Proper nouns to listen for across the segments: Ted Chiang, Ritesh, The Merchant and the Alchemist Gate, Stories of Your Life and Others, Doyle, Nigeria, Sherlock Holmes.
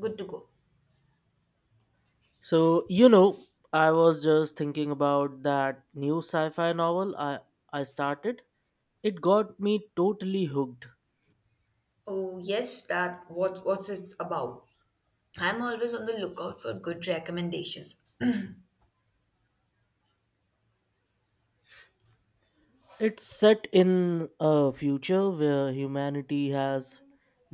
Good to go. So, you know, I was just thinking about that new sci-fi novel I started. It got me totally hooked. Oh, yes, that what what's it about? I'm always on the lookout for good recommendations. It's set in a future where humanity has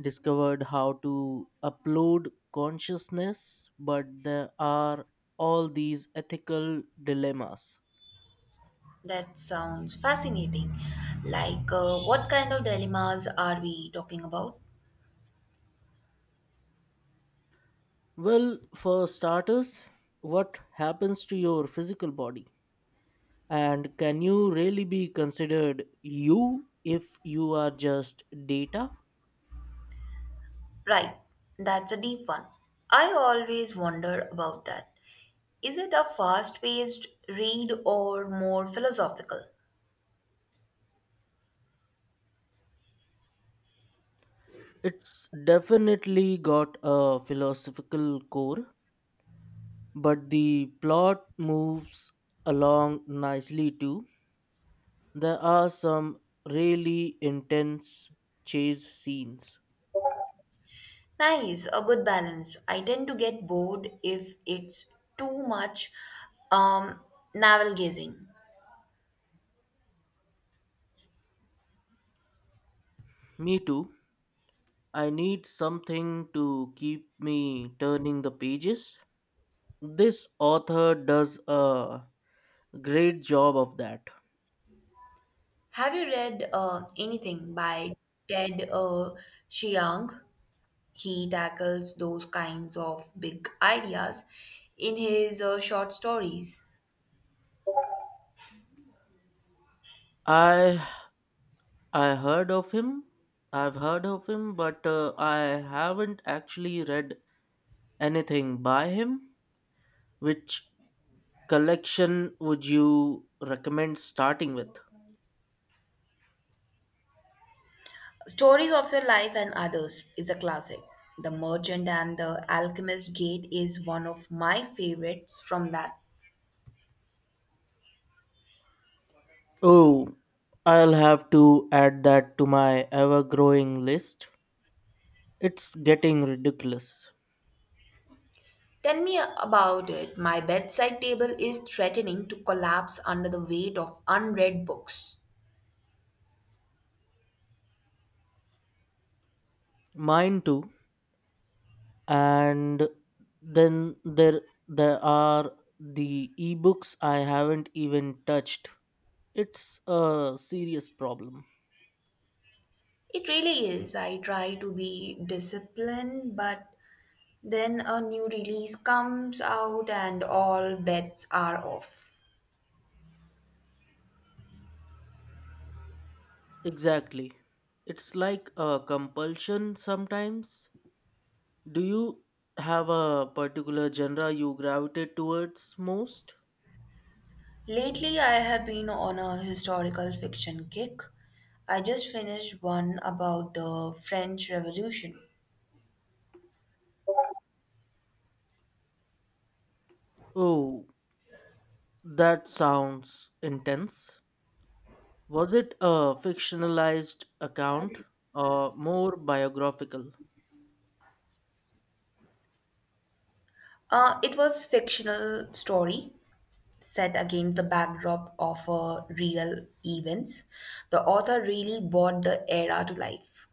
discovered how to upload consciousness, but there are all these ethical dilemmas. That sounds fascinating. Like, what kind of dilemmas are we talking about? Well, for starters, what happens to your physical body? And can you really be considered you if you are just data? Right, that's a deep one. I always wonder about that. Is it a fast paced read or more philosophical? It's definitely got a philosophical core, but the plot moves along nicely too. There are some really intense chase scenes. Nice, a good balance. I tend to get bored if it's too much um, navel gazing. Me too. I need something to keep me turning the pages. This author does a great job of that. Have you read anything by Ted Chiang? He tackles those kinds of big ideas in his short stories. I I heard of him. I've heard of him, but I haven't actually read anything by him. Which collection would you recommend starting with? Stories of Your Life and Others is a classic. The Merchant and the Alchemist Gate is one of my favorites from that. Oh, I'll have to add that to my ever growing list. It's getting ridiculous. Tell me about it. My bedside table is threatening to collapse under the weight of unread books. Mine too. And then there are the ebooks I haven't even touched. It's a serious problem. It really is. I try to be disciplined, but then a new release comes out and all bets are off. Exactly. It's like a compulsion sometimes. Do you have a particular genre you gravitate towards most? Lately, I have been on a historical fiction kick. I just finished one about the French Revolution. Oh, that sounds intense. Was it a fictionalized account or more biographical? It was fictional story set against the backdrop of real events. The author really brought the era to life.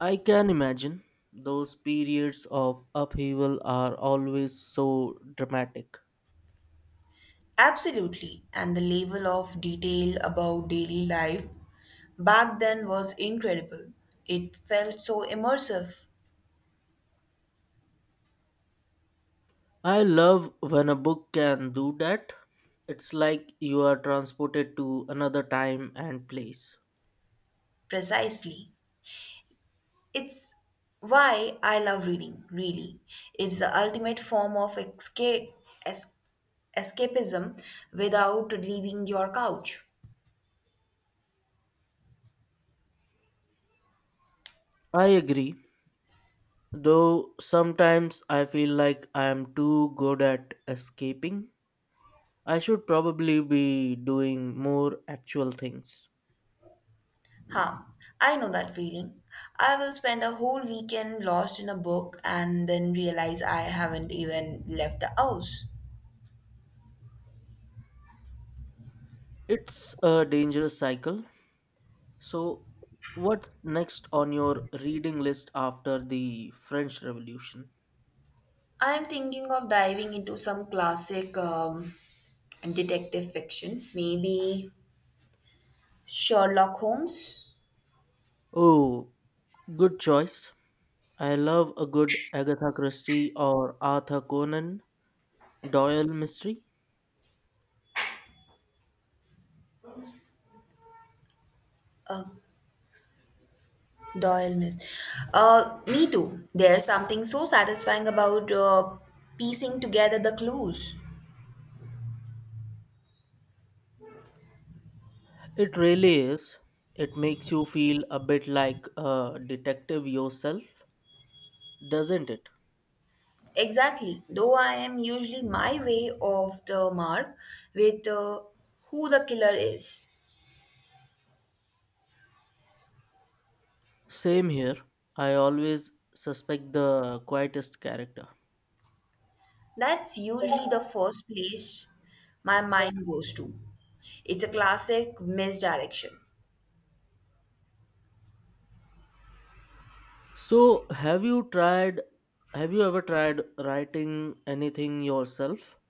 I can imagine. Those periods of upheaval are always so dramatic. Absolutely. And the level of detail about daily life back then was incredible. It felt so immersive, I love when a book can do that. It's like you are transported to another time and place. precisely. It's why I love reading, really. It's the ultimate form of escape, es- escapism without leaving your couch. I agree, though sometimes I feel like I am too good at escaping. I should probably be doing more actual things. Ha, I know that feeling. I will spend a whole weekend lost in a book and then realize I haven't even left the house. It's a dangerous cycle. So, what's next on your reading list after the French Revolution? I'm thinking of diving into some classic detective fiction, maybe Sherlock Holmes. Oh, good choice. I love a good Agatha Christie or Arthur Conan Doyle mystery. Uh, Doyle Miss. Me too. There's something so satisfying about piecing together the clues. It really is. It makes you feel a bit like a detective yourself, doesn't it? Exactly. Though I am usually my way off the mark with who the killer is. Same here. I always suspect the quietest character. That's usually the first place my mind goes to. It's a classic misdirection. So, have you ever tried writing anything yourself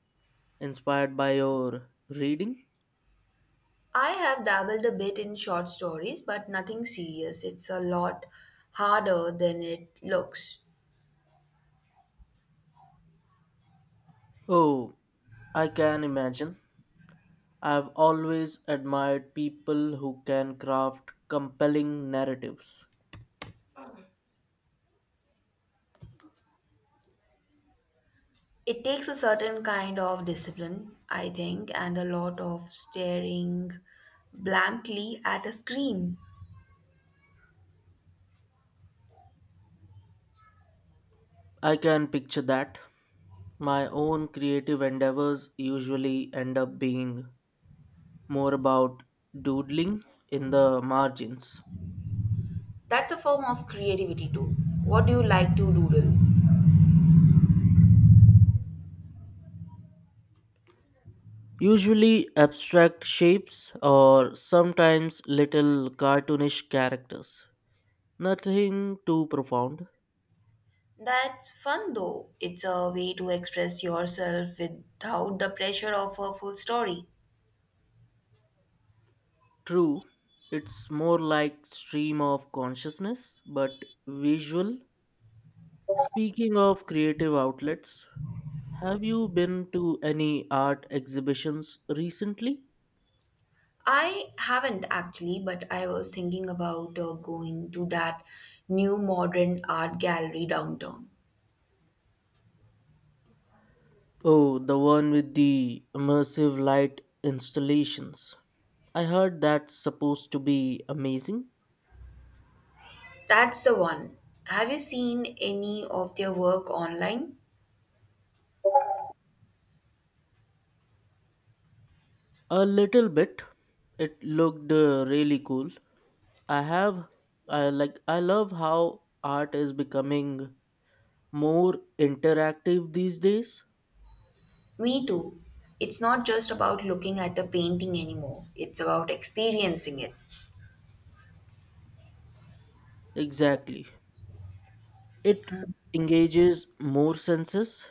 inspired by your reading? I have dabbled a bit in short stories, but nothing serious. It's a lot harder than it looks. Oh, I can imagine. I've always admired people who can craft compelling narratives. It takes a certain kind of discipline, I think, and a lot of staring blankly at a screen. I can picture that. My own creative endeavors usually end up being more about doodling in the margins. That's a form of creativity, too. What do you like to doodle? Usually abstract shapes or sometimes little cartoonish characters. Nothing too profound. That's fun, though. It's a way to express yourself without the pressure of a full story. True, it's more like stream of consciousness, but visual. Speaking of creative outlets, have you been to any art exhibitions recently? I haven't actually, but I was thinking about going to that new modern art gallery downtown. Oh, the one with the immersive light installations. I heard that's supposed to be amazing. That's the one. Have you seen any of their work online? A little bit. It looked really cool. I have I like I love how art is becoming more interactive these days. Me too. It's not just about looking at a painting anymore, it's about experiencing it. Exactly. It engages more senses.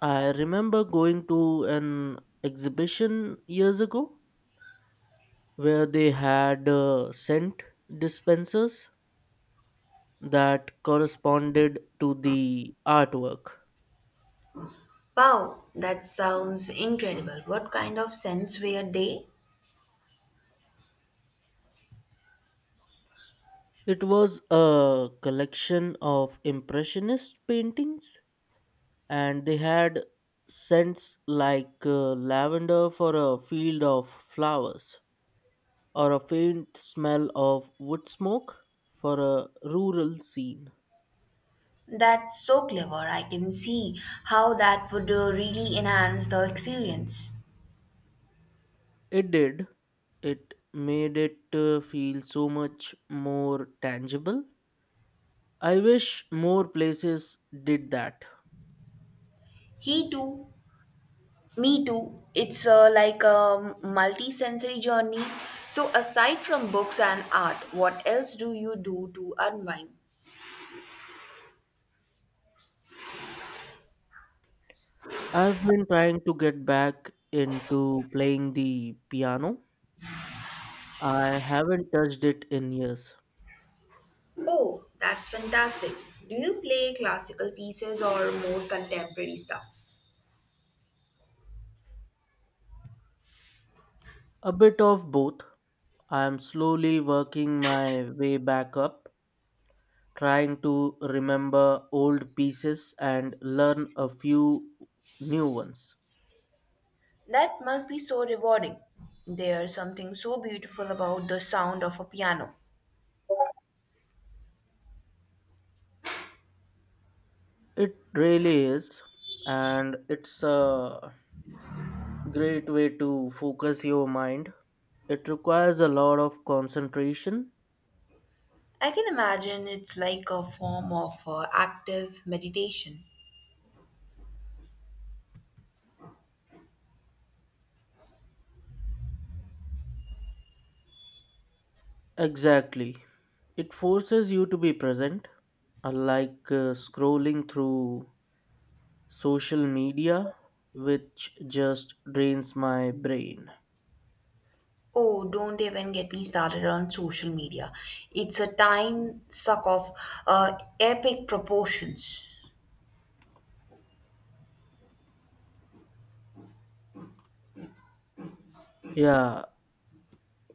I remember going to an exhibition years ago where they had scent dispensers that corresponded to the artwork. Wow, that sounds incredible. What kind of scents were they? It was a collection of impressionist paintings, and they had scents like lavender for a field of flowers, or a faint smell of wood smoke for a rural scene. That's so clever. I can see how that would really enhance the experience. It did, it made it feel so much more tangible. I wish more places did that. He too Me too. It's like a multi-sensory journey. So aside from books and art, what else do you do to unwind? I've been trying to get back into playing the piano. I haven't touched it in years. Oh, that's fantastic. Do you play classical pieces or more contemporary stuff? A bit of both. I am slowly working my way back up, trying to remember old pieces and learn a few new ones. That must be so rewarding. There's something so beautiful about the sound of a piano. It really is, and it's a great way to focus your mind. It requires a lot of concentration. I can imagine it's like a form of active meditation. Exactly. It forces you to be present, unlike scrolling through social media, which just drains my brain. Oh, don't even get me started on social media. It's a time suck of epic proportions. Yeah,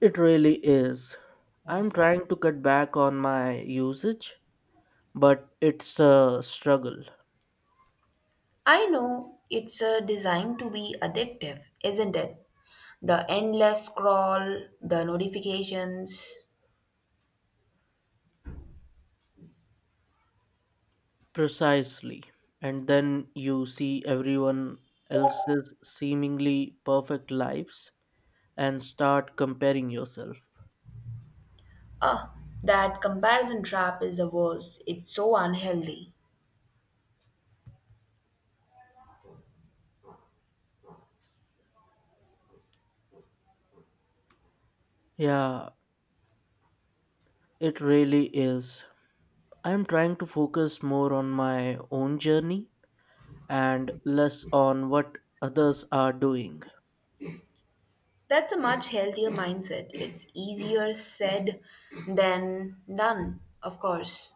it really is. I'm trying to cut back on my usage, but it's a struggle. I know it's designed to be addictive, isn't it? The endless scroll, the notifications. Precisely. And then you see everyone else's seemingly perfect lives and start comparing yourself. Ah, that comparison trap is the worst. It's so unhealthy. Yeah, it really is. I'm trying to focus more on my own journey and less on what others are doing. That's a much healthier mindset. It's easier said than done, of course.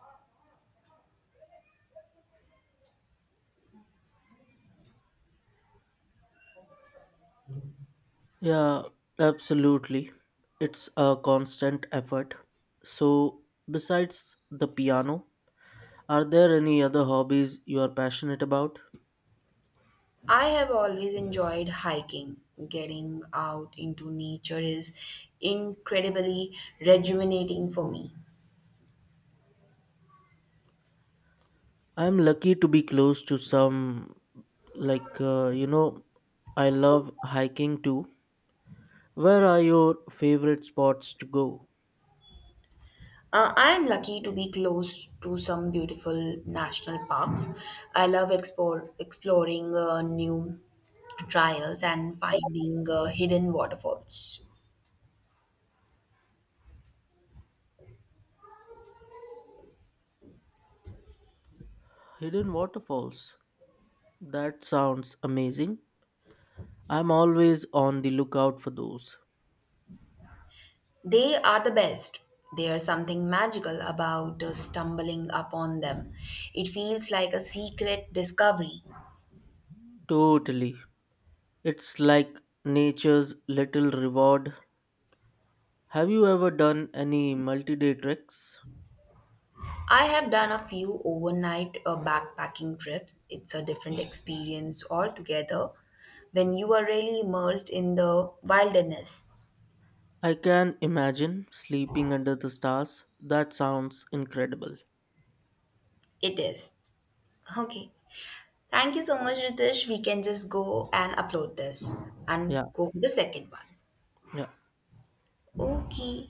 Yeah, absolutely. It's a constant effort. So, besides the piano, are there any other hobbies you are passionate about? I have always enjoyed hiking. Getting out into nature is incredibly rejuvenating for me. I'm lucky to be close to some, like, uh, you know, I love hiking too. Where are your favorite spots to go? I am lucky to be close to some beautiful national parks. I love exploring new trails and finding hidden waterfalls. Hidden waterfalls. That sounds amazing. I'm always on the lookout for those. They are the best. There's something magical about stumbling upon them. It feels like a secret discovery. Totally. It's like nature's little reward. Have you ever done any multi day treks? I have done a few overnight backpacking trips. It's a different experience altogether when you are really immersed in the wilderness. I can imagine sleeping under the stars. That sounds incredible. It is. Okay. Thank you so much, Ritesh. We can just go and upload this and Yeah, go for the second yeah. one. Okay.